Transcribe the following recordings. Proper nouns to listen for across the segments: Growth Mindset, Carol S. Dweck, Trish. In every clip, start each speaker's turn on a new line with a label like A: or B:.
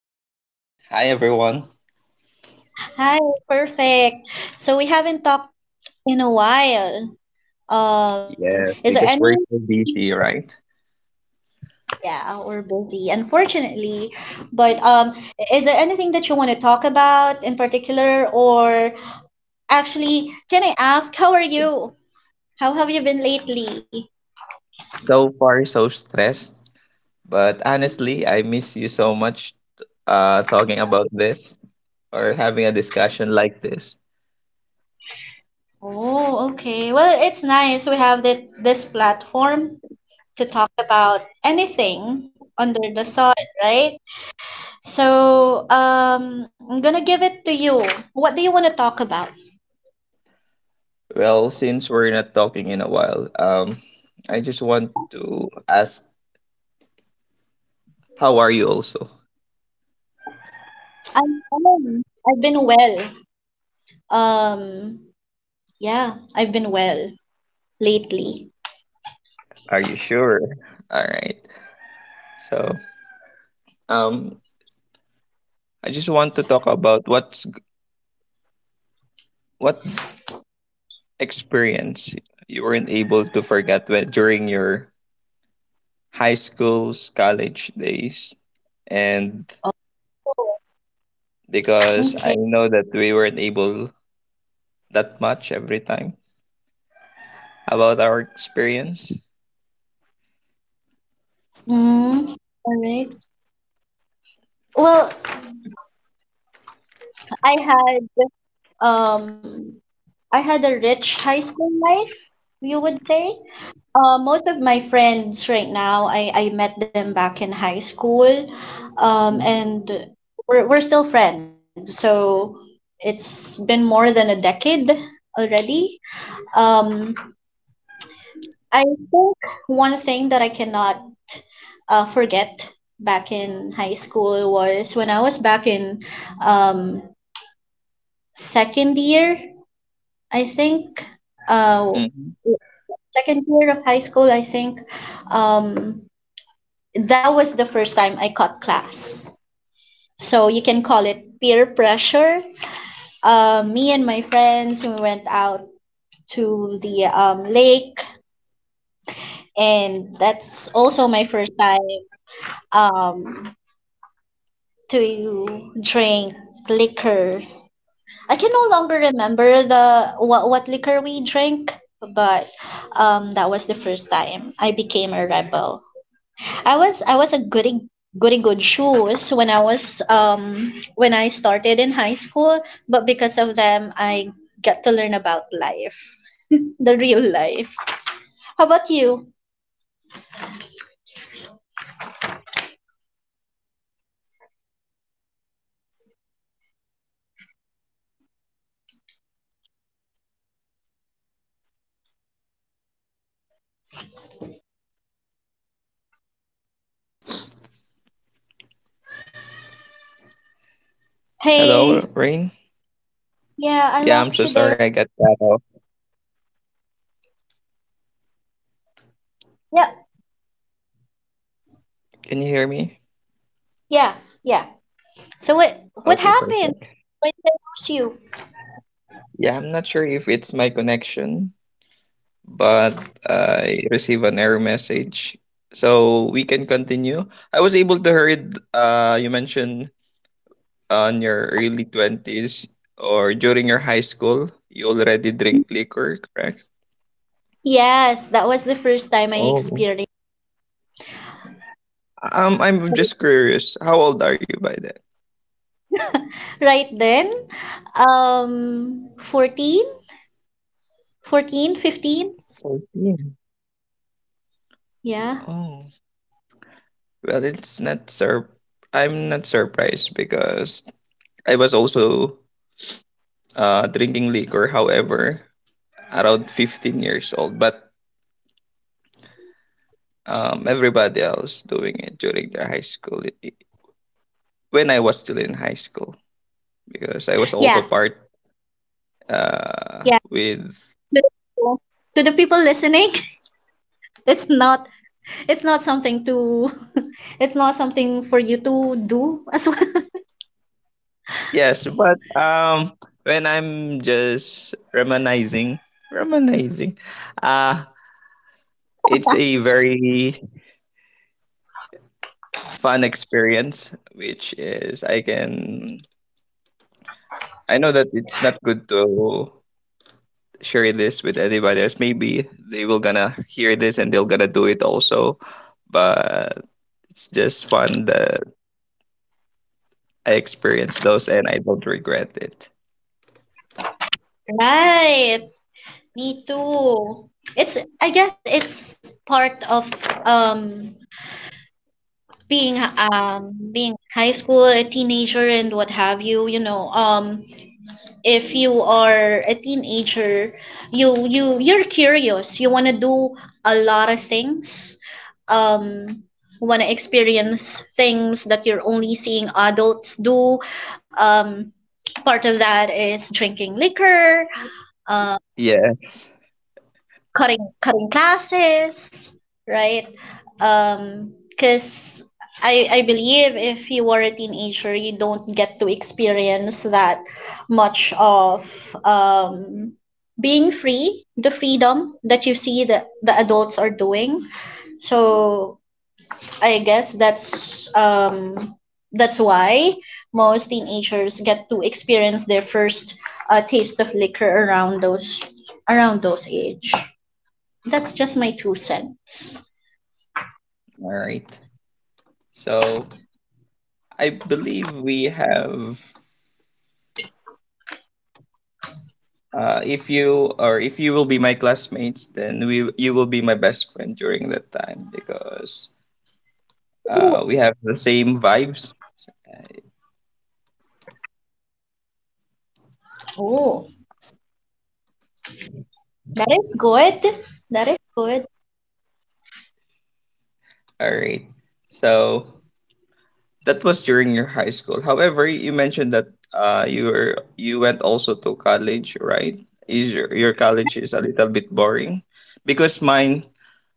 A: Hi, Rain. Hi, everyone.
B: Hi, perfect. So, we haven't talked in a while. Is there
A: Yes,
B: any.
A: because we're so busy, right?
B: Yeah, we're busy, unfortunately. But is there anything that you want to talk about in particular, or actually, can I ask, how are you? How have you been lately?
A: So far, so stressed. But honestly, I miss you so much talking about this or having a discussion like this.
B: Oh, okay. Well, it's nice we have that this platform to talk about anything under the sun, right? So, I'm gonna give it to you. What do you want to talk about?
A: Well, since we're not talking in a while, I just want to ask, how are you also?
B: I'm fine. I've been well. Um, yeah, I've been well lately.
A: Are you sure? All right. So, um, I just want to talk about what experience you weren't able to forget when, during your high school's college days and
B: Oh,
A: because I
B: okay.
A: know that we weren't able that much every time about our experience.
B: Mm, all right. Well, I had um I had a rich high school life, you would say. Most of my friends right now, I met them back in high school, and we're still friends. So it's been more than a decade already. Um, I think one thing that I cannot forget back in high school was when I was back in um, second year, I think, uh,
A: Mhm.
B: second year of high school, I think, um, that was the first time I caught class. So you can call it peer pressure. Me and my friends, we went out to the lake, and that's also my first time um, to drink liquor. I can no longer remember the what liquor we drank, but that was the first time I became a rebel. I was a goody goody good shoes when I was when I started in high school, but because of them I got to learn about life, the real life. How about you?
A: Hello,
B: Hey,
A: Rain.
B: yeah, I
A: Yeah, I'm
B: lost
A: so
B: you there.
A: sorry I got cut off.
B: Yeah,
A: Can you hear me?
B: yeah, yeah. So what
A: Okay,
B: happened?
A: perfect.
B: When they lost you?
A: Yeah, I'm not sure if it's my connection, but I received an error message. So we can continue. I was able to heard you mentioned on your early 20s or during your high school you already drink liquor, correct?
B: Yes, that was the first time I
A: Oh.
B: experienced.
A: I'm
B: So
A: just curious, how old are you by then?
B: right then, 14, 14, 15.
A: 14.
B: Yeah.
A: Oh. Well, it's not sur. I'm not surprised because I was also drinking liquor. However, around 15 years old, but everybody else doing it during their high school. When I was still in high school, because I was
B: Yeah.
A: also part
B: Yeah.
A: with
B: To, to the people listening, it's not it's not something to it's not something for you to do as well.
A: yes, but when I'm just reminiscing, uh it's a very fun experience, which is I know that it's not good to share this with anybody else. Maybe they will gonna hear this and they'll gonna do it also. But it's just fun that I experienced those and I don't regret it.
B: Right. Me too. It's I guess it's part of um being being high school, a teenager and what have you, you know. If you are a teenager, you're curious. You want to do a lot of things. um want to experience things that you're only seeing adults do. um Part of that is drinking liquor, um,
A: Yes.
B: cutting classes, right? Because I believe if you were a teenager, you don't get to experience that much of um being free, the freedom that you see that the adults are doing. So I guess that's why most teenagers get to experience their first taste of liquor around those age that's just my two cents.
A: All right. So I believe we have. If you or if you will be my classmates, then we you will be my best friend during that time because uh, we have the same vibes.
B: Oh, that is good. That is good.
A: All right. So that was during your high school. However, you mentioned that you were you went also to college, right? Is your college is a little bit boring? Because mine,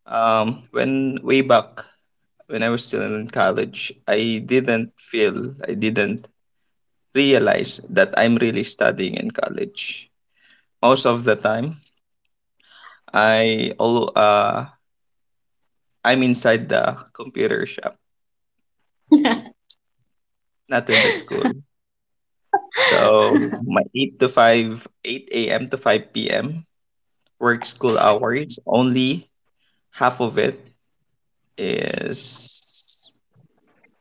A: when way back when I was still in college, I didn't realize that I'm really studying in college. Most of the time, I all uh I'm inside the computer shop. Not in the school. So my eight to five, eight a.m. to five p.m. work school hours. Only half of it is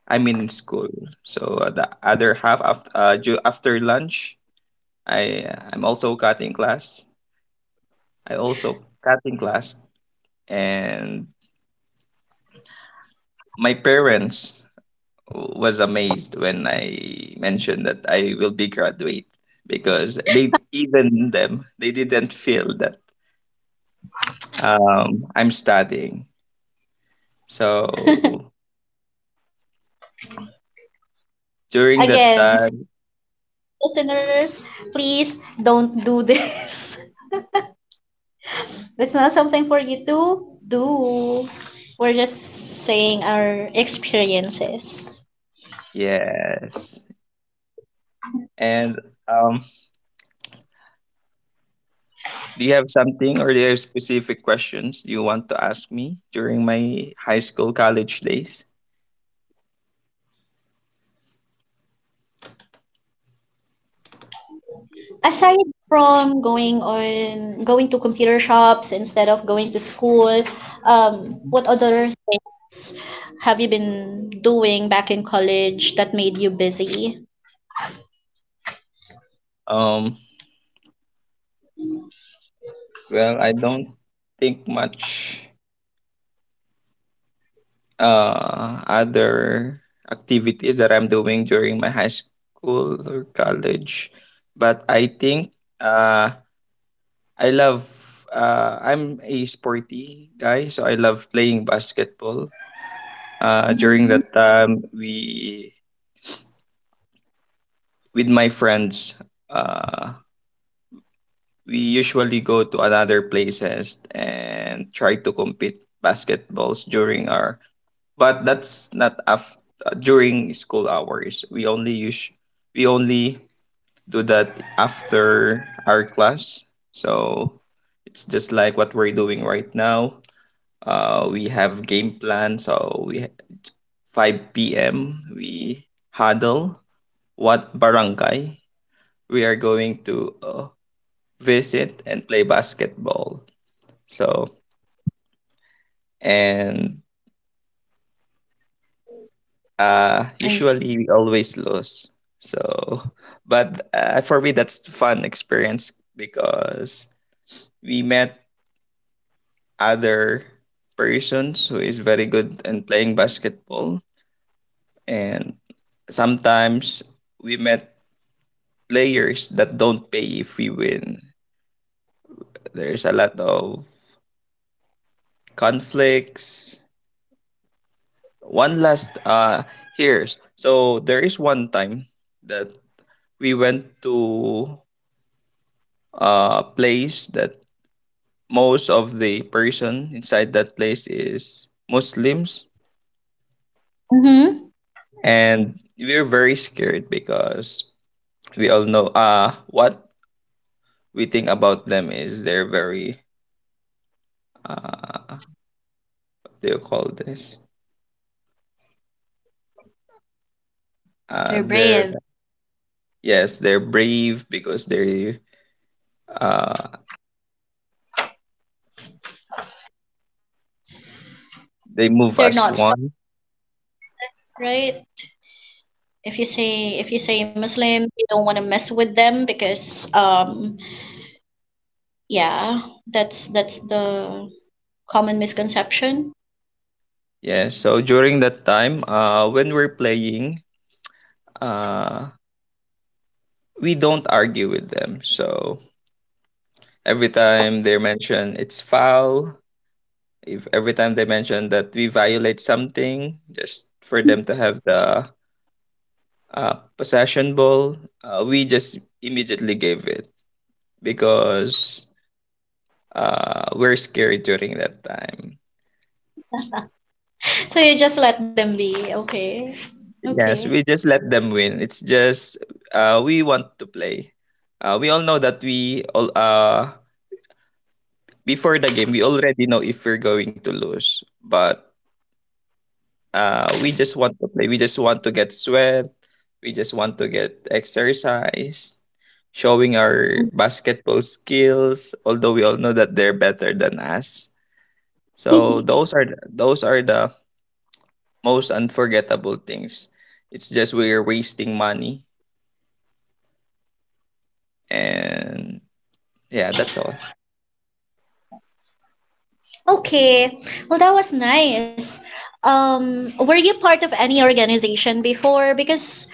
A: I'm in school. So the other half after after lunch, I'm also cutting class. I also cutting class, and my parents was amazed when I mentioned that I will be graduate because they even them they didn't feel that I'm studying. So during that
B: Again,
A: time,
B: listeners, please don't do this. It's not something for you to do. We're just saying our experiences.
A: yes. And um, do you have something or do you have specific questions you want to ask me during my high school college days?
B: Um, Aside from going to computer shops instead of going to school,
A: Mhm.
B: what other s- have you been doing back in college that made you busy?
A: Um, well, I don't think much other activities that I'm doing during my high school or college, but I think uh I love I'm a sporty guy, so I love playing basketball. During that time we with my friends uh we usually go to another places and try to compete basketballs during our but that's not after during school hours. We only do that after our class. So it's just like what we're doing right now. We have game plan. 5 p.m. we huddle what barangay we are going to visit and play basketball. So and
B: I s-
A: usually we always lose. So but for me that's fun experience because we met other persons who is very good in playing basketball and sometimes we met players that don't pay if we win. There's a lot of conflicts. One last here's so there is one time that we went to a place that most of the person inside that place is Muslims
B: Mm-hmm.
A: and we're very scared because we all know what we think about them is they're very uh what do you call this
B: They're
A: they're
B: brave.
A: yes, they're brave because uh they move
B: They're
A: as
B: not so
A: one.
B: right. If you say Muslim, you don't want to mess with them because yeah, that's the common
A: Yeah.
B: misconception.
A: Yeah, so during that time, when we're playing, uh, we don't argue with them. So every time they mention it's foul, if every time they mention that we violate something, just for them to have the possession ball, we just immediately gave it because we're scared during that time.
B: So you just let them be. Okay. Okay.
A: Yes, we just let them win. It's just we want to play. We all know that we all before the game we already know if we're going to lose, but we just want to play. We just want to get sweat. We just want to get exercise, showing our basketball skills. Although we all know that they're better than us, so those are the most unforgettable things. It's just we're wasting money and yeah, that's all.
B: Okay. Well, that was nice. Were you part of any organization before? Because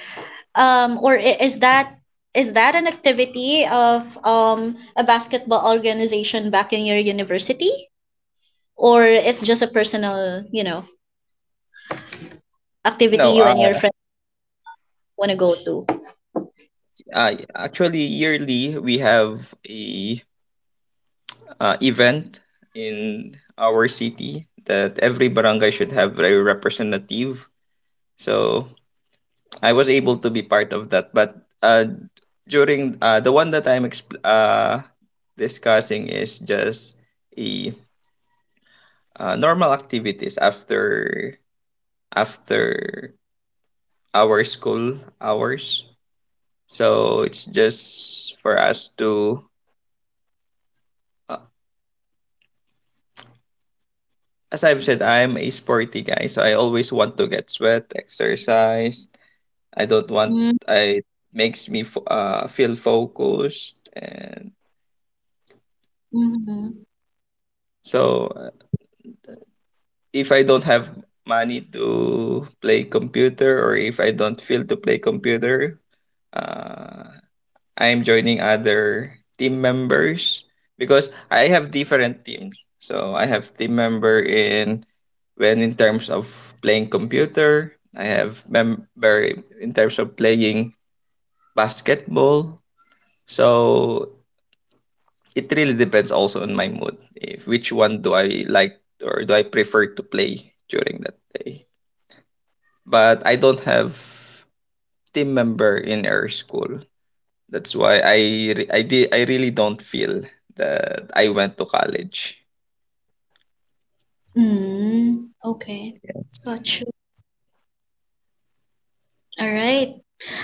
B: um or i- is that is that an activity of a basketball organization back in your university, or it's just a personal activity
A: No,
B: you and your friends want to go to.
A: actually, yearly we have a event in our city that every barangay should have a representative. So I was able to be part of that, but uh, during the one that discussing is just a normal activities after after our school hours. So it's just for us to uh, as I've said, I'm a sporty guy, so I always want to get sweat, exercise. I don't want
B: Mm-hmm.
A: I makes me feel focused, and so if I don't have money to play computer or if I don't feel to play computer, uh, I'm joining other team members because I have different teams. So I have team member in when in terms of playing computer, I have member in terms of playing basketball. So it really depends also on my mood. If which one do I like or do I prefer to play during that day. But I don't have team member in our school. That's why I really don't feel that I went to college.
B: Okay,
A: Yes.
B: got you. All right.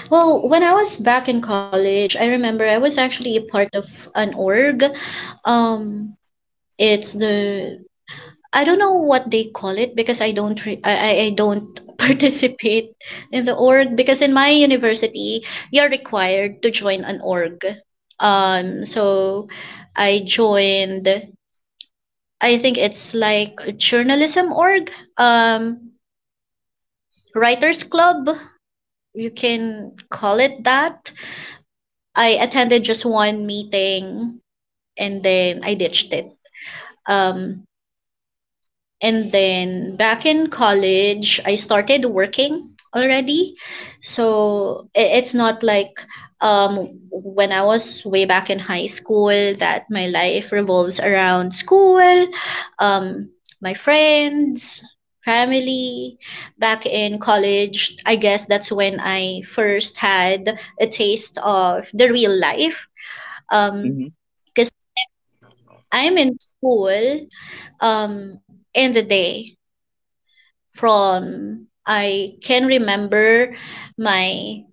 B: Well, when I was back in college, I remember I was actually a part of an org. um it's the I don't know what they call it because I don't re- I don't participate in the org because in my university you're required to join an org. So I joined I think it's like a journalism org, um writers club, you can call it that. I attended just one meeting, and then I ditched it. Um And then back in college, I started working already. So it's not like when I was way back in high school that my life revolves around school, um, my friends, family. Back in college, I guess that's when I first had a taste of the real life. Um,
A: Hmm.
B: because I'm in school in the day from I can remember my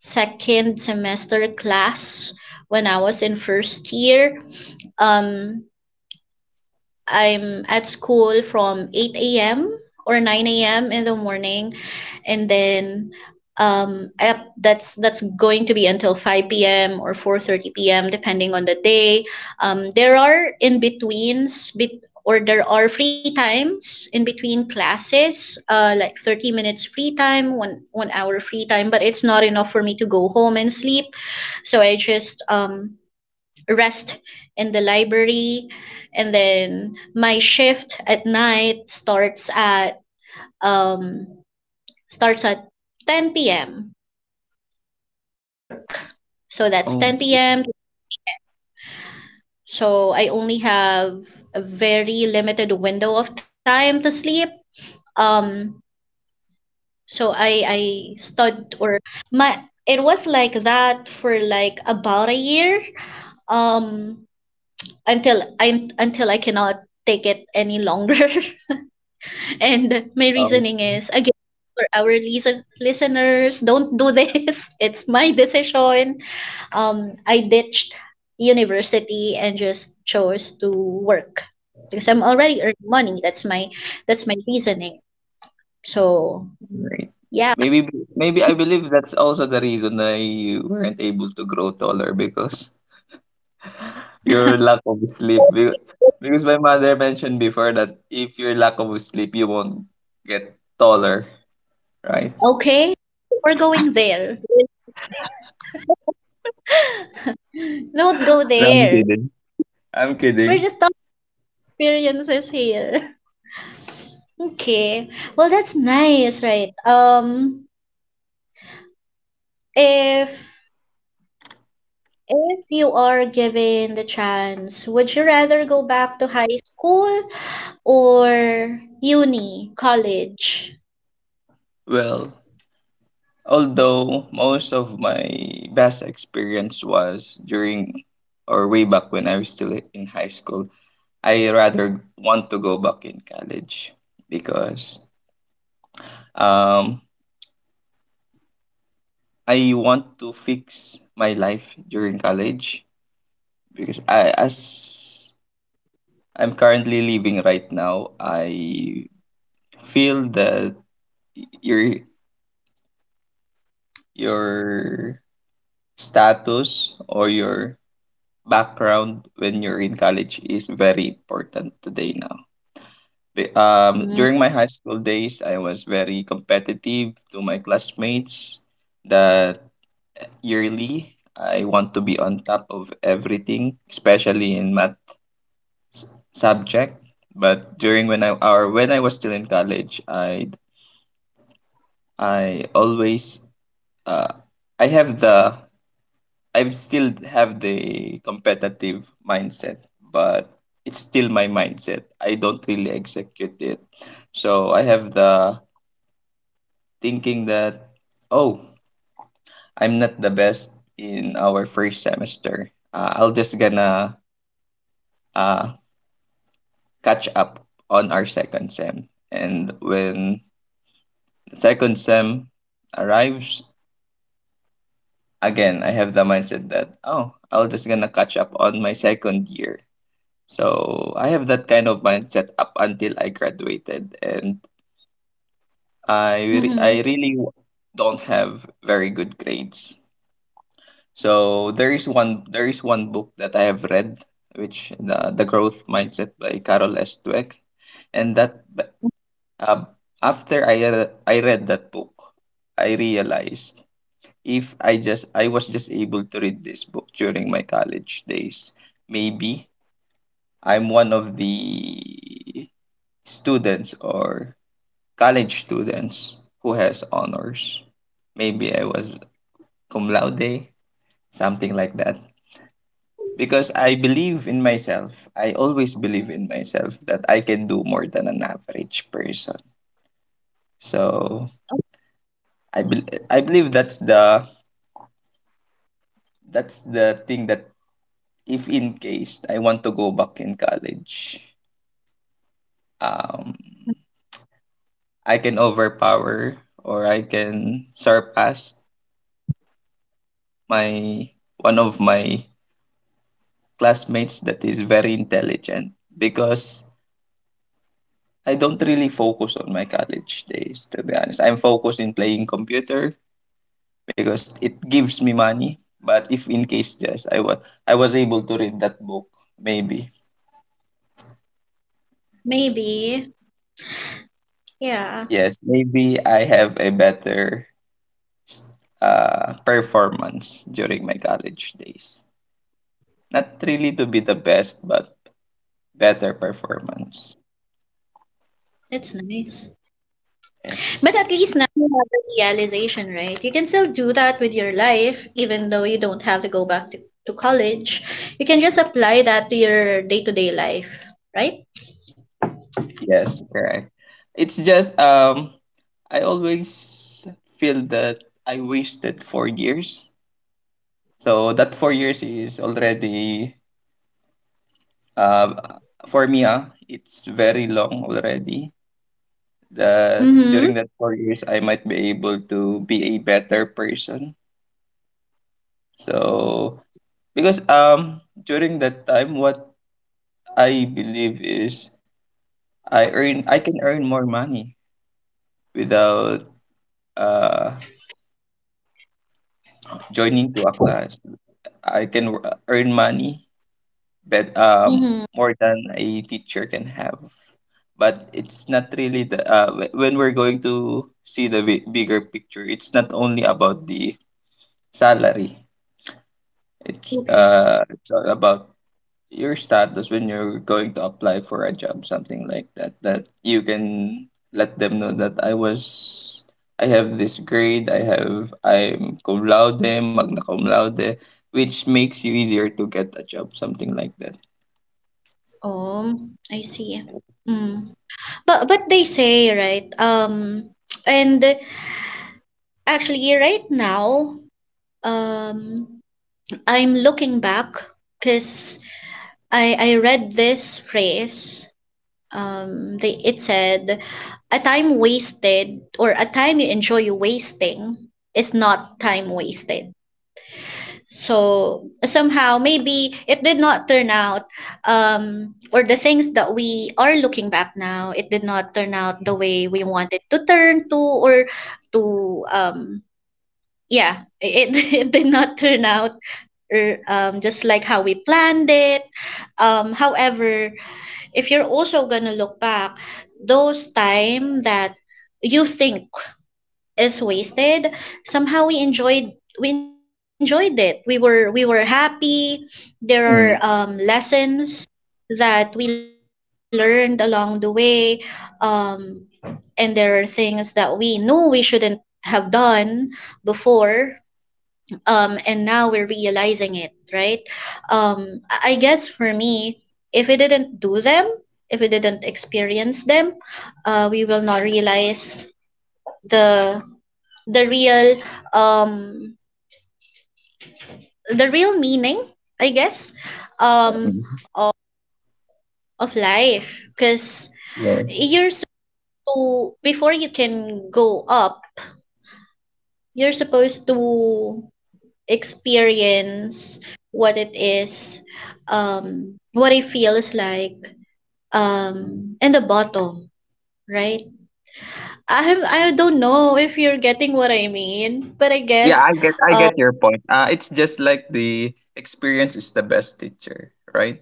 B: second semester class when I was in first year. Um, I'm at school from 8 a.m. or 9 a.m. in the morning, and then that's going to be until 5 p.m. or 4:30 p.m. depending on the day. There are in betweens, or there are free times in between classes, like 30 minutes free time, one hour free time, but it's not enough for me to go home and sleep. So I just rest in the library, and then my shift at night um starts at 10 p.m. at work. So that's
A: Oh,
B: 10 p.m. So I only have a very limited window of time to sleep. Um so I stud or my it was like that for like about a year, um until I cannot take it any longer. And my
A: wow.
B: reasoning is, again, for our listeners, don't do this. It's my decision. I ditched university and just chose to work because I'm already earning money. That's my reasoning. So
A: Right.
B: yeah,
A: Maybe I believe that's also the reason why you weren't able to grow taller because your lack of sleep. Because my mother mentioned before that if your lack of sleep, you won't get taller, right?
B: okay, we're going there. Don't go
A: No, I'm
B: there.
A: kidding. I'm
B: We're
A: kidding.
B: just talking experiences here. Okay. Well, that's nice, right? If If you are given the chance, would you rather go back to high school or uni, college?
A: Well, although most of my best experience was during or way back when I was still in high school, I rather want to go back in college because um I want to fix my life during college because I'm currently living right now, I feel that your your status or your background when you're in college is very important today now. During my high school days, I was very competitive to my classmates. That yearly, I want to be on top of everything, especially in math subject. But during when I or when I was still in college, I always uh, I have the I would still have the competitive mindset, but it's still my mindset. I don't really execute it. So I have the thinking that, oh, I'm not the best in our first semester. I'll just gonna uh, catch up on our second sem. And when the second sem arrives, again, I have the mindset that, oh, I'll just gonna catch up on my second year. So I have that kind of mindset up until I graduated, and I re-
B: Mm-hmm.
A: I really don't have very good grades. So there is one book that I have read, which the Growth Mindset by Carol S. Dweck, and uh, after I read that book, I realized if I was just able to read this book during my college days, maybe I'm one of the students or college students who has honors. Maybe I was cum laude, something like that. Because I believe in myself. I always believe in myself that I can do more than an average person. So I bel I believe that's the thing that if in case I want to go back in college, um, I can overpower or I can surpass my one of my classmates that is very intelligent because I don't really focus on my college days, to be honest. I'm focused in playing computer because it gives me money. But if in case yes, I was able to read that book, maybe.
B: Maybe. Yeah,
A: Yes, maybe I have a better s- performance during my college days. Not really to be the best, but better performance.
B: it's nice. But
A: Yes.
B: at least now you have the realization, right? You can still do that with your life, even though you don't have to go back to college. You can just apply that to your day-to-day life, right?
A: Yes, correct. It's just I always feel that I wasted 4 years. So that 4 years is already uh for me ah it's very long already. That
B: Mm-hmm.
A: during that 4 years I might be able to be a better person. So because during that time what I believe is I can earn more money without uh joining to a class earn money, but
B: Mm-hmm.
A: more than a teacher can have. But it's not really when we're going to see the bigger picture. It's not only about the salary. It's
B: Okay.
A: uh, it's all about your status when you're going to apply for a job, something like that, that you can let them know that I have this grade, I'm cum laude, magna cum laude, which makes you easier to get a job, something like that.
B: Oh, I see. Mm. But they say, right? And actually right now, um I'm looking back because I read this phrase. They it said, a time wasted or a time you enjoy wasting is not time wasted. So somehow, maybe it did not turn out, or the things that we are looking back now, it did not turn out the way we wanted to turn to, or to, um, yeah, it did not turn out, or just like how we planned it. However, if you're also gonna look back, those time that you think is wasted, somehow we enjoyed it, we were happy. There are
A: Mm,
B: lessons that we learned along the way, um, and there are things that we knew we shouldn't have done before, and now we're realizing it, right? I guess for me, if we didn't do them, if we didn't experience them, we will not realize the the real um real meaning, I guess, um
A: mm,
B: of, life because
A: yeah.
B: you're supposed to, before you can go up, you're supposed to experience what it is, what it feels like, in the bottom, right? I don't know if you're getting what I mean, but I
A: Yeah,
B: guess,
A: I get I
B: um,
A: get your point. It's just like the experience is the best teacher, right?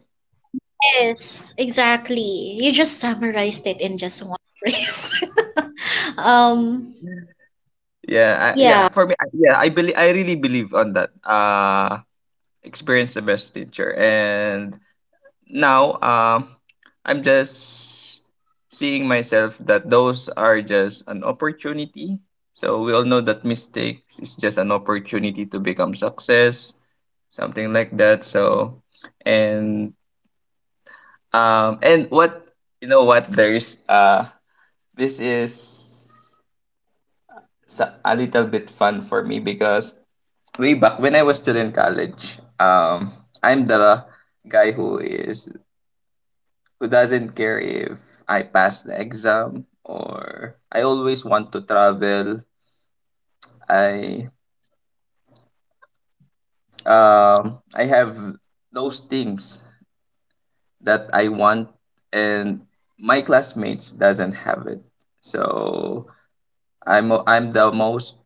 B: Yes, exactly. You just summarized it in just one phrase. um,
A: Yeah, I, yeah.
B: yeah.
A: For me, I, yeah, I believe I really believe on that. Experience the best teacher, and now I'm just seeing myself that those are just an opportunity. So we all know that mistakes is just an opportunity to become success, something like that. So, and and what you know what there's This is sa- a little bit fun for me because way back when I was still in college, I'm the guy who doesn't care if I pass the exam, or I always want to travel. I I have those things that I want and my classmates doesn't have it. So I'm the most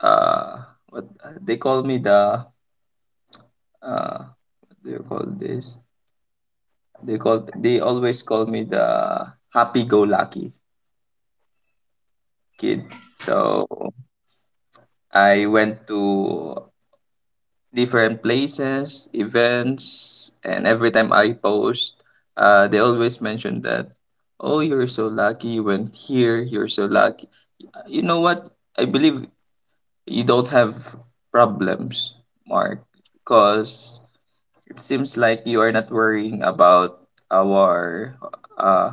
A: uh what they call me the uh they call this they call they always call me the happy go lucky kid. So I went to different places, events, and every time I post, they always mention that, "Oh, you're so lucky, you went here, you're so lucky." You know what, I believe you don't have problems, Mark, because it seems like you are not worrying about our uh,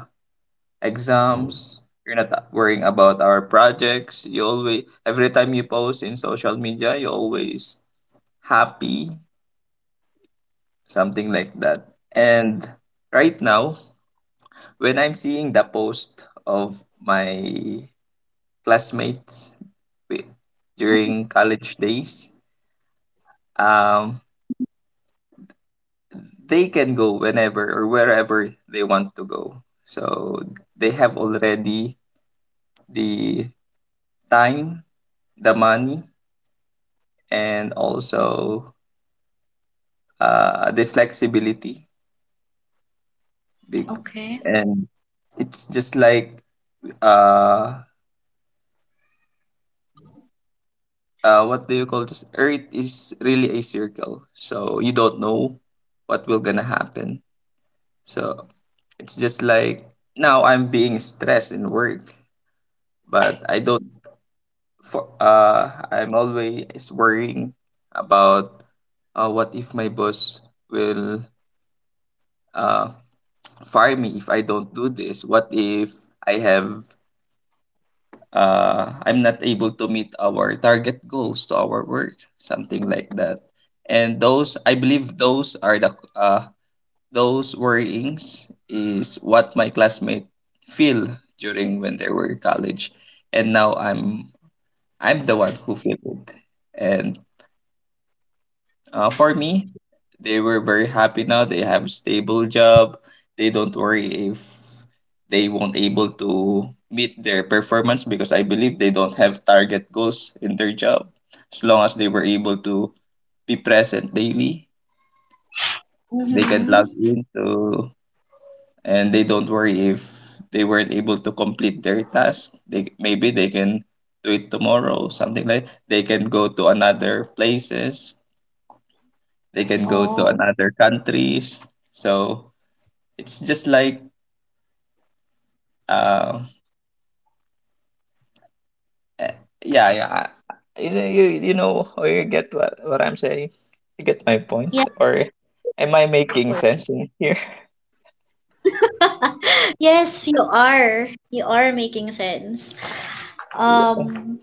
A: exams. You're not worrying about our projects. You always, every time you post in social media, you always happy, something like that. And right now, when I'm seeing the post of my classmates wi- during college days, um, they can go whenever or wherever they want to go. So they have already the time, the money, and also the flexibility. Big
B: Okay.
A: and it's just like uh, what do you call this? Earth is really a circle, so you don't know what will gonna happen. So it's just like now I'm being stressed in work, but I don't for I'm always worrying about, what if my boss will uh fire me if I don't do this? What if I have I'm not able to meet our target goals to our work, something like that. And those I believe those are the those worryings is what my classmate feel during when they were in college. And now I'm the one who feel it. And for me, they were very happy now. They have a stable job. They don't worry if they won't able to meet their performance, because I believe they don't have target goals in their job. As long as they were able to be present daily, they can
B: Mm-hmm.
A: log in to, and they don't worry if they weren't able to complete their task. They maybe they can do it tomorrow, something like they can go to another places. They can go to
B: Oh,
A: another countries. So it's just like um eh, yeah, yeah. You, you, you know, or you get what I'm saying? You get my point?
B: yeah.
A: Or am I making sense in here?
B: Yes, you are. You are making sense. Um,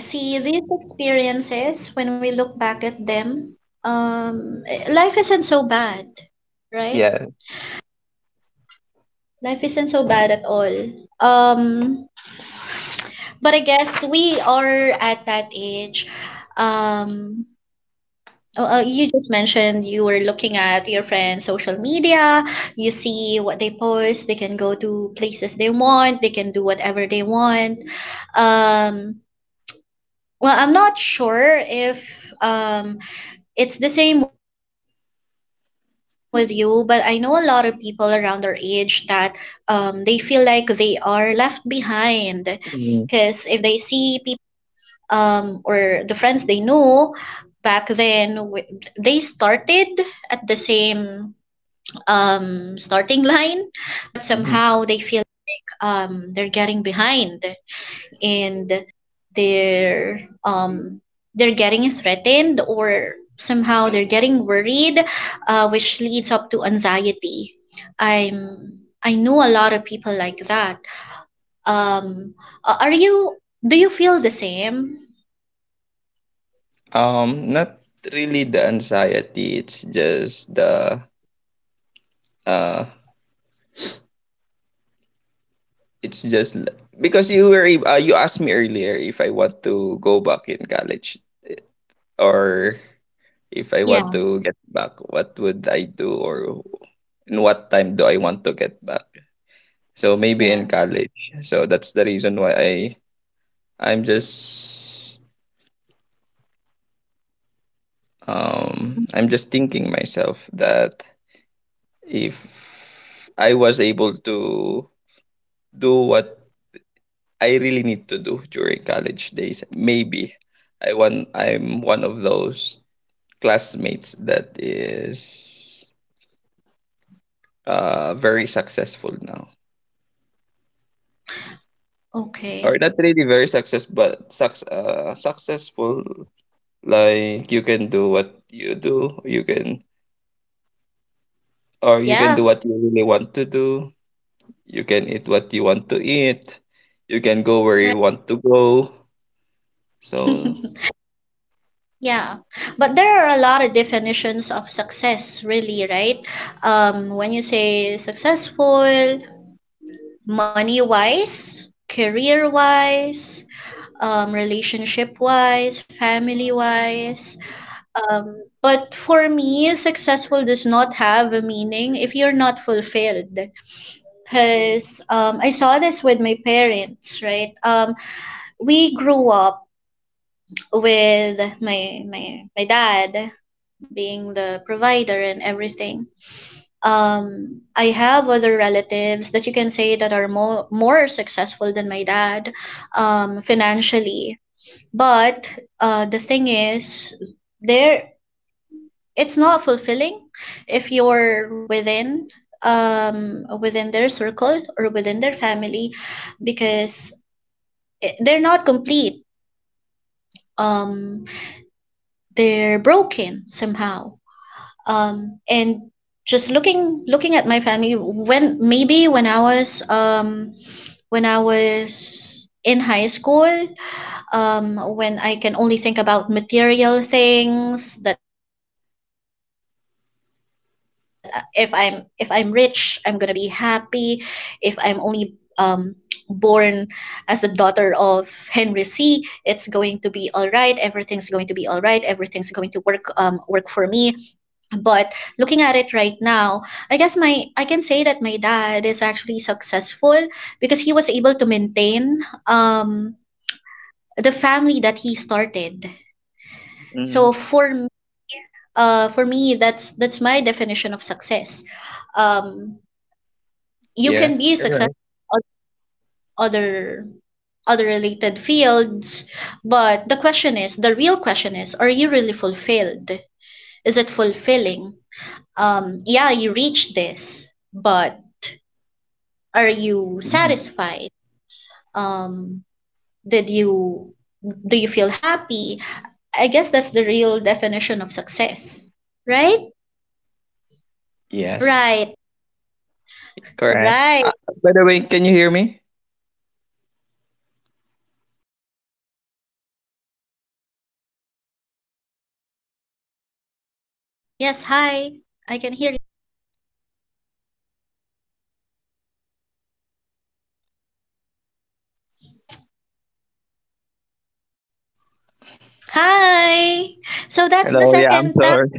B: See, these experiences, when we look back at them, life isn't so bad, right?
A: Yeah.
B: Life isn't so bad at all. Um, but I guess we are at that age. Um, Oh, you just mentioned you were looking at your friends' social media. You see what they post. They can go to places they want. They can do whatever they want. Um, well, I'm not sure if it's the same with you, but I know a lot of people around our age that they feel like they are left behind because if they
A: Mhm,
B: see or the friends they knew back then, they started at the same starting line, but
A: mhm.
B: somehow they feel like, they're getting behind, and they're um, they're getting threatened, or somehow they're getting worried, which leads up to anxiety. I know a lot of people like that. Um, are you? Do you feel the same?
A: Not really the anxiety. It's just the uh, it's just l- because you asked me earlier if I want to go back in college, eh, or if I want
B: Yeah.
A: to get back, what would I do, or in what time do I want to get back? So maybe in
B: Yeah.
A: college. So that's the reason why I'm just I'm just thinking myself that if I was able to do what I really need to do during college days, maybe I'm one of those classmates that is very successful now. Or
B: Okay.
A: not really very success, but sucks successful, like you can do what you do, you can
B: Yeah.
A: do what you really want to do, you can eat what you want to eat, you can go where
B: Right.
A: you want to go, so
B: Yeah. But there are a lot of definitions of success, really, right? When you say successful, money wise, career wise, relationship wise, family wise. But for me, successful does not have a meaning if you're not fulfilled. Because I saw this with my parents, right? We grew up with my dad being the provider and everything. I have other relatives that you can say that are more successful than my dad, financially, but the thing is, there it's not fulfilling if you're within, within their circle or within their family, because they're not complete. um they're broken somehow. And just looking at my family when maybe when I was in high school, when I can only think about material things, that if I'm rich I'm gonna be happy. If I'm only born as the daughter of Henry C, it's going to be all right, everything's going to be all right, everything's going to work for me. But looking at it right now, I guess my I can say that my dad is actually successful, because he was able to maintain the family that he started. So for m- for me, that's my definition of success. Um you can be successful in other other related fields, but the question is, the real question is, are you really fulfilled? Is it fulfilling? Yeah, you reached this, but are you satisfied? Um, did you Do you feel happy? I guess that's the real definition of success. Right? Right. Right. Yes, hi. I can hear you. Hi. So that's the
A: Hello, yeah, I'm
B: second
A: so
B: time.
A: sorry.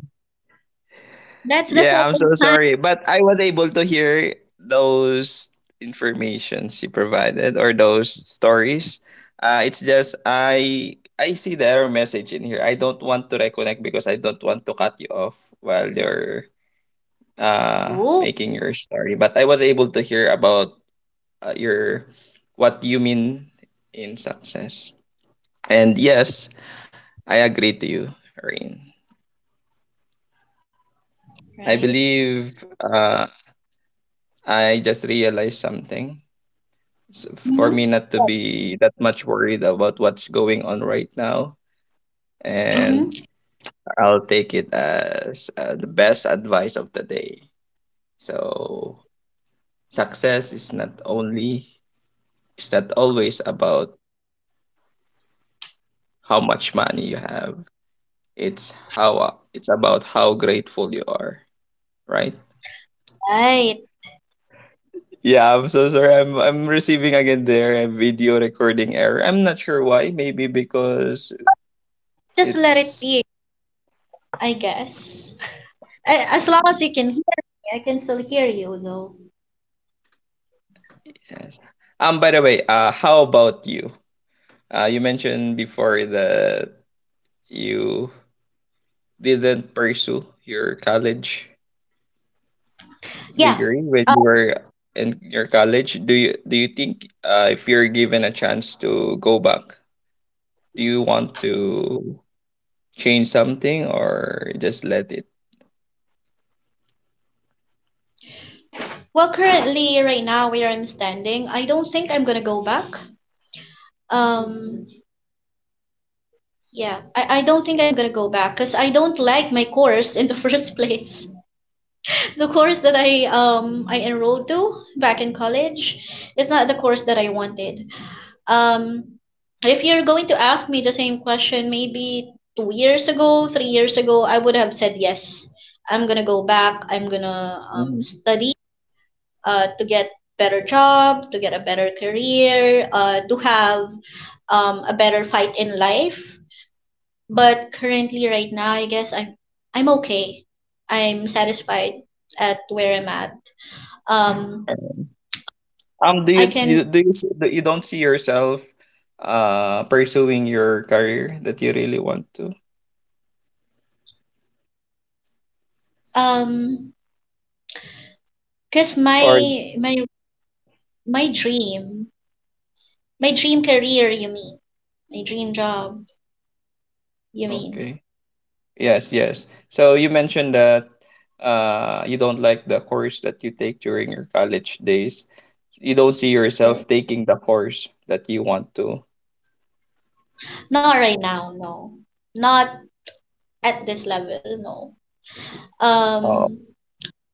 B: That's the
A: Yeah, I'm so
B: second time.
A: sorry. But I was able to hear those informations you provided, or those stories. It's just I see the error message in here. I don't want to reconnect because I don't want to cut you off while you're
B: Oh,
A: making your story. But I was able to hear about your what you mean in success. And yes, I
B: right. Mhm. Mhm. Right. Just let it be, I guess. As long as you can hear me, I can still hear you though. Yeah. Well, currently, right now, where I'm standing, I don't think I'm gonna go back. Um, yeah, I don't think I'm gonna go back because I don't like my course in the first place. The course that I enrolled to back in college is not the course that I wanted. Um, if you're going to ask me the same question, maybe 2 years ago, 3 years ago, I would have said yes. I'm gonna go back. I'm gonna study to get better job, to get a better career, to have a better fight in life. But currently, right now, I guess I'm okay. I'm satisfied at where I'm at. Um, I can um, cause My dream, my dream career, you mean? My dream job, you mean? Yeah. Not right now, no. Not at this level, no. Um,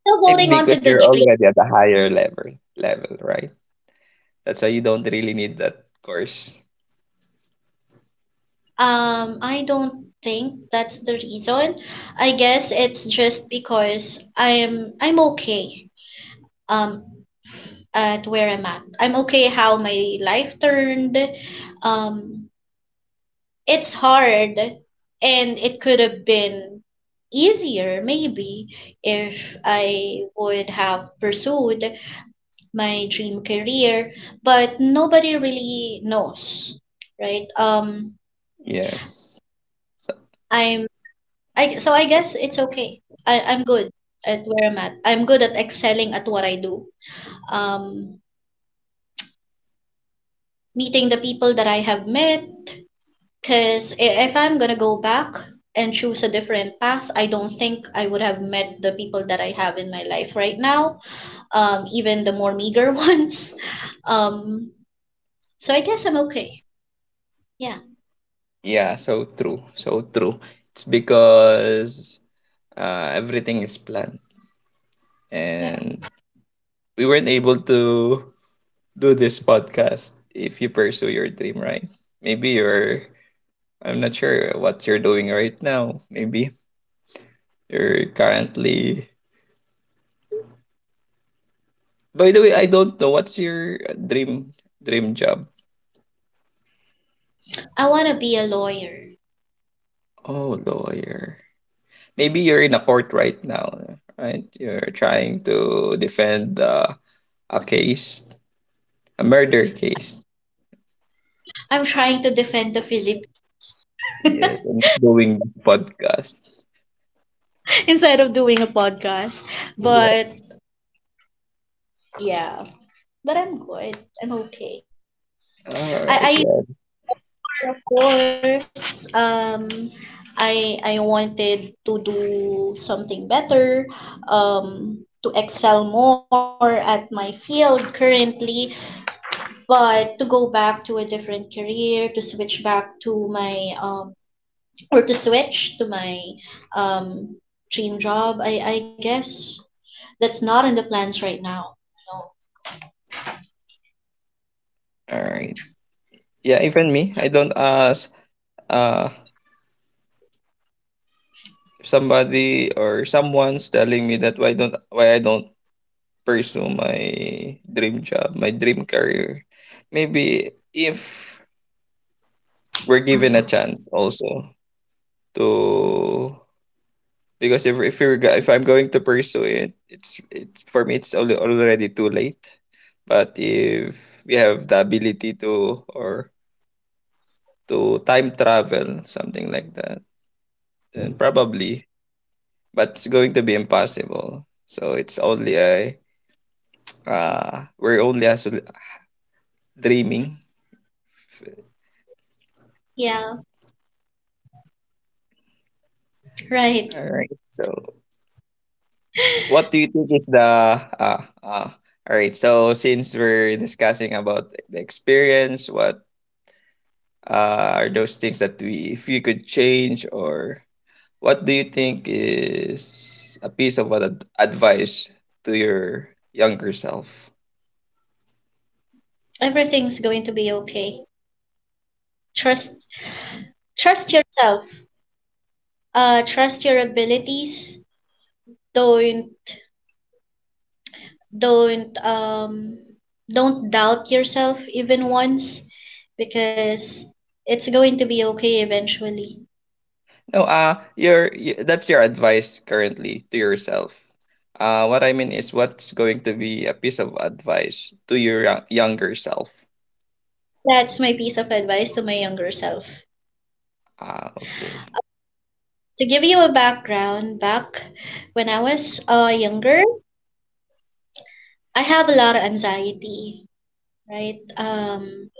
B: Still holding on to the dream. I don't think that's the reason. I guess it's just because I'm okay. Um, at where I'm at, I'm okay how my life turned. Um, it's hard, and it could have been easier maybe if I would have pursued my dream career, but nobody really knows, right? I'm I so I guess it's okay. I'm good at where I'm at. I'm good at excelling at what I do. Um, Meeting the people that I have met. If I'm gonna go back and choose a different path, I don't think I would have met the people that I have in my life right now. Even the more meager ones. Um, so I guess I'm okay. Yeah, yeah. I wanna be a lawyer. I'm trying to defend the Philippines instead of doing a podcast, but yeah. But I'm good. I'm okay. I, I of course, I wanted to do something better, to excel more at my field currently, but to go back to a different career, to switch back to my or to switch to my um, dream job. I guess that's not in the plans right now. No. Yeah. Right. Everything's going to be okay. Trust Trust yourself. Trust your abilities. Don't don't um don't doubt yourself even once, because it's going to be okay eventually. That's my piece of advice to my younger self. To give you a background, back when I was younger, I have a lot of anxiety, right?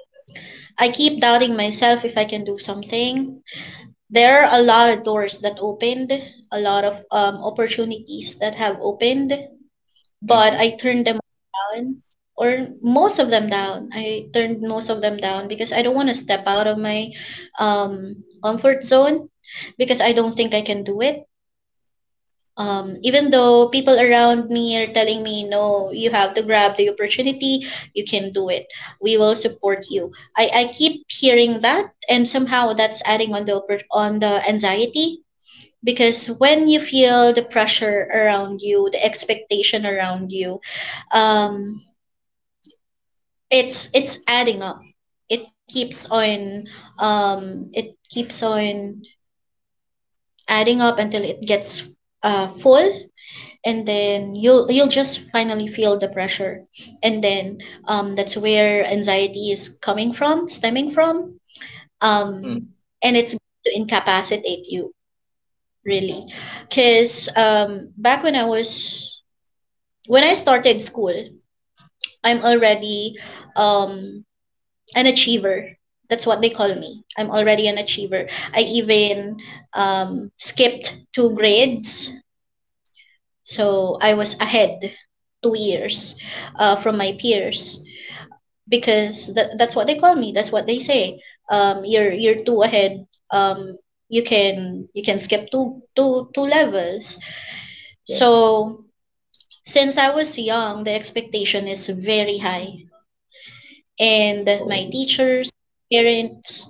B: I keep doubting myself if I can do something. There are a lot of doors that opened, a lot of opportunities that have opened, but I turned them down, or most of them down. I turned most of them down because I don't want to step out of my um, comfort zone because I don't think I can do it. Even though people around me are telling me, no, you have to grab the opportunity, you can do it. We will support you. I keep hearing that, and somehow that's adding on on the anxiety, because when you feel the pressure around you, the expectation around you, um it's adding up, it keeps on, it keeps on adding up until it gets full, and then you'll just finally feel the pressure, and then that's where anxiety is coming from, stemming from. um and it's to incapacitate you, really. Because back when I was when I started school, I'm already um, an achiever. That's what they call me. I'm already an achiever. I even skipped two grades, so I was ahead 2 years from my peers, because that's what they call me. That's what they say. You're two ahead. Um, you can you can skip two levels. So since I was young, the expectation is very high. And my teachers, parents,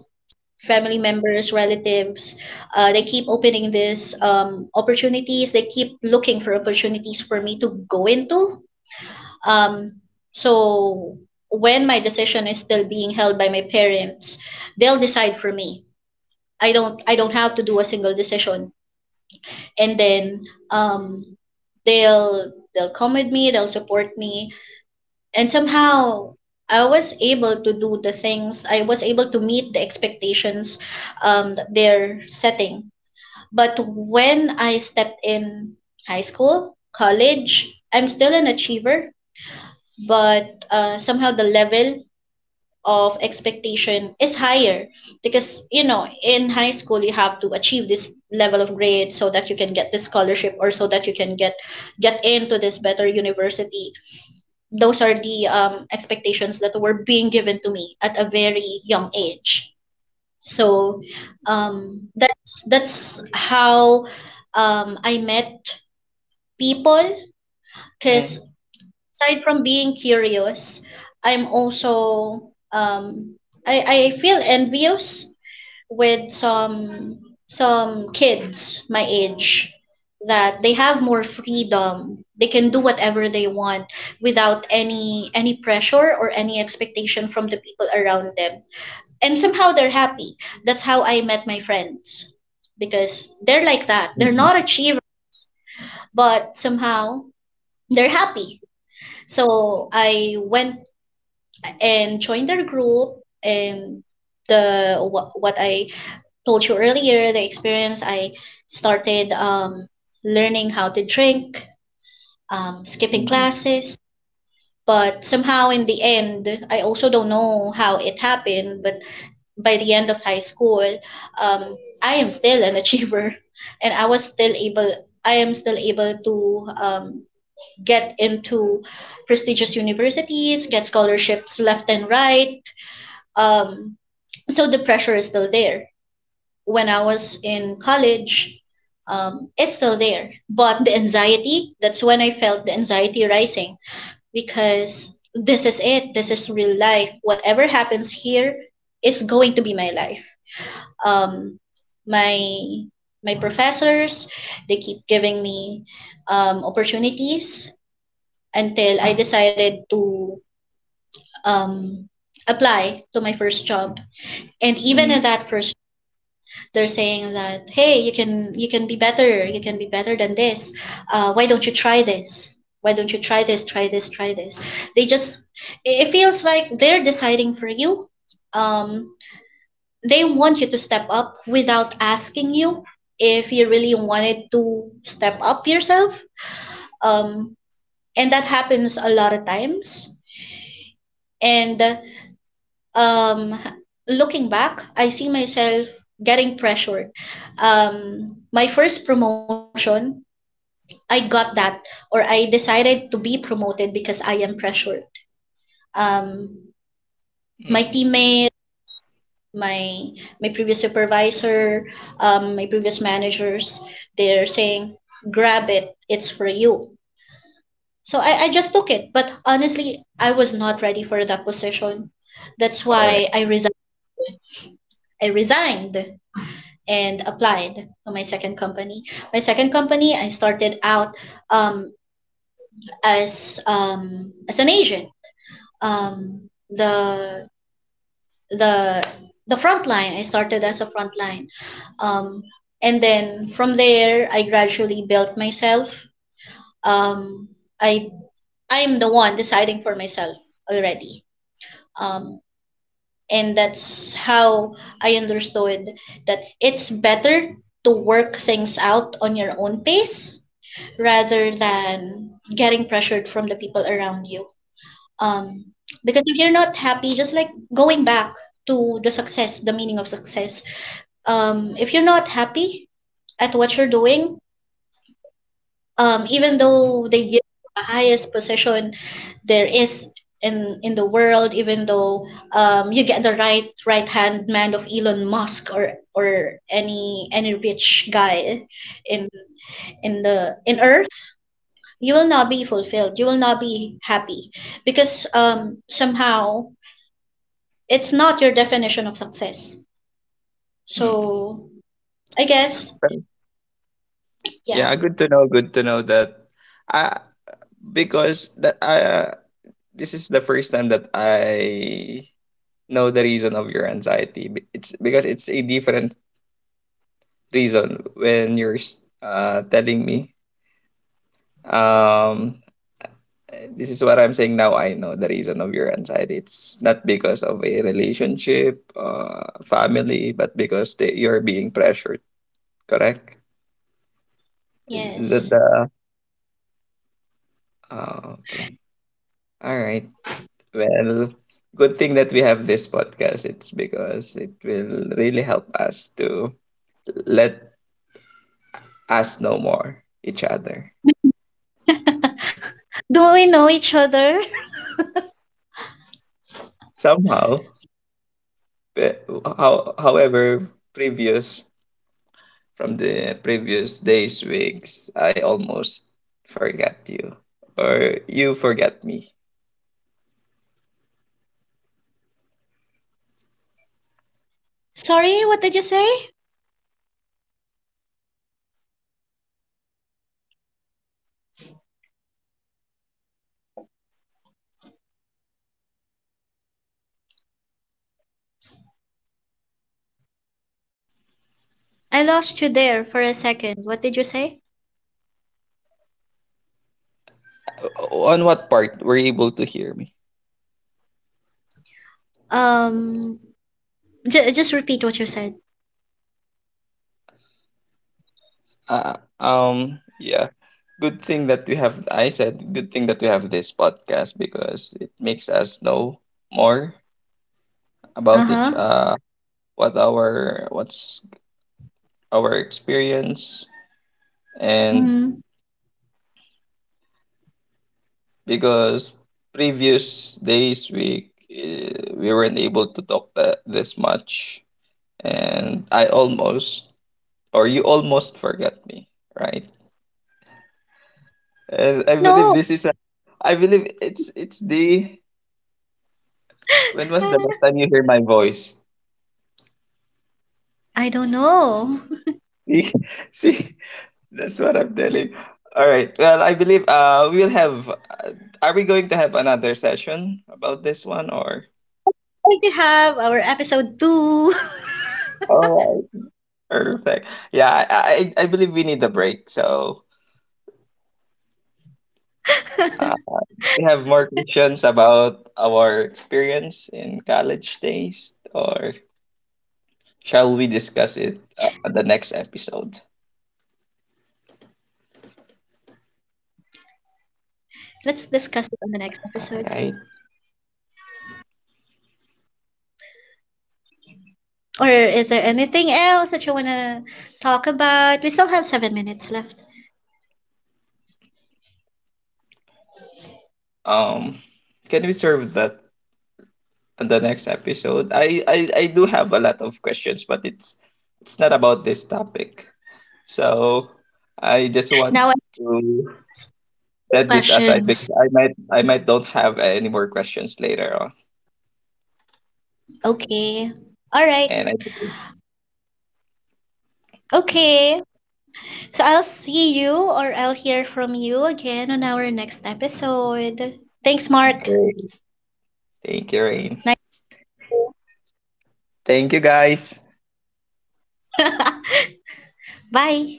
B: family members, relatives, they keep opening these opportunities. They keep looking for opportunities for me to go into. Um, so when my decision is still being held by my parents, they'll decide for me. I don't have to do a single decision, and then they'll come with me. They'll support me, and somehow I was able to do the things, I was able to meet the expectations that they're setting. But when I stepped in high school, college, I'm still an achiever, but somehow the level of expectation is higher, because you know, in high school you have to achieve this level of grade so that you can get this scholarship, or so that you can get into this better university. Those are the expectations that were being given to me at a very young age. So that's how I met people. Because aside from being curious, I'm also I I feel envious with some kids my age, that they have more freedom, they can do whatever they want without any pressure or any expectation from the people around them, and somehow they're happy. That's how I met my friends, because they're like that, they're not achievers, but somehow they're happy. So I went and joined their group, and what I told you earlier, the experience I started learning how to drink, skipping classes. But somehow in the end, I also don't know how it happened, but by the end of high school, um, I am still an achiever and I am still able to get into prestigious universities, get scholarships left and right. Um, so the pressure is still there when I was in college, it's still there. But the anxiety, that's when I felt the anxiety rising, because this is it. This is real life. Whatever happens here is going to be my life. Um, my my professors, they keep giving me opportunities until I decided to um, apply to my first job. And even in that first, they're saying that, hey, you can, you can be better, you can be better than this. Why don't you try this, why don't you try this, try this, they just, it feels like they're deciding for you. um, they want you to step up without asking you if you really wanted to step up yourself. um, and that happens a lot of times. And um, looking back, I see myself getting pressured. My first promotion, I got that, or I decided to be promoted because I am pressured. Um, my teammate, my my previous supervisor, my previous managers, they're saying, "Grab it, it's for you." So I just took it, but honestly, I was not ready for that position. That's why I resigned. I resigned and applied to my second company. My second company, I started out um, as an agent. um the the the front line I started as a front line um and then from there I gradually built myself. um i I'm the one deciding for myself already. um and that's how I understood that it's better to work things out on your own pace rather than getting pressured from the people around you. Um, because if you're not happy, just like going back to the success, the meaning of success. If you're not happy at what you're doing, even though they give the highest position there is in the world, even though you get the right hand man of Elon Musk, or any rich guy in in the in Earth, you will not be fulfilled. You will not be happy, because somehow it's not your definition of success. So, I guess, yeah, yes. Do we know each other? Sorry, what did you say? I lost you there for a second. What did you say?
A: on what part were you able to hear me?
B: Um, just repeat what you said.
A: Yeah. Good thing that we have, I said, good thing that we have this podcast because it makes us know more
B: Uh
A: about each,
B: huh.
A: what our, what's our experience. And
B: Mm.
A: because previous days, we weren't able to talk that this much. And I almost, or you almost forgot me, right? And I believe
B: No,
A: this is a I believe it's the when was the last time you hear my voice?
B: I don't know.
A: See, see, that's what I'm telling. All right. Well, I believe we will have are we going to have another session about this one or
B: We do have our episode two.
A: All right. Perfect. I believe we need a break. So, uh, we have more questions about our experience in college days, or shall we discuss it on the next episode?
B: Let's discuss it on the next episode.
A: All right.
B: Or is there anything else that you wanna talk about? We still have 7 minutes left.
A: um can we serve that on the next episode? I do have a lot of questions, but it's not about this topic, so I just want
B: Now I have
A: to set this aside
B: questions.
A: because I might don't have any more questions later on.
B: Okay. All right.
A: And I
B: Okay. So I'll see you or I'll hear from you again on our next episode. Thanks, Mark.
A: great, thank you, Rain. Thank you, guys.
B: Nice. Bye.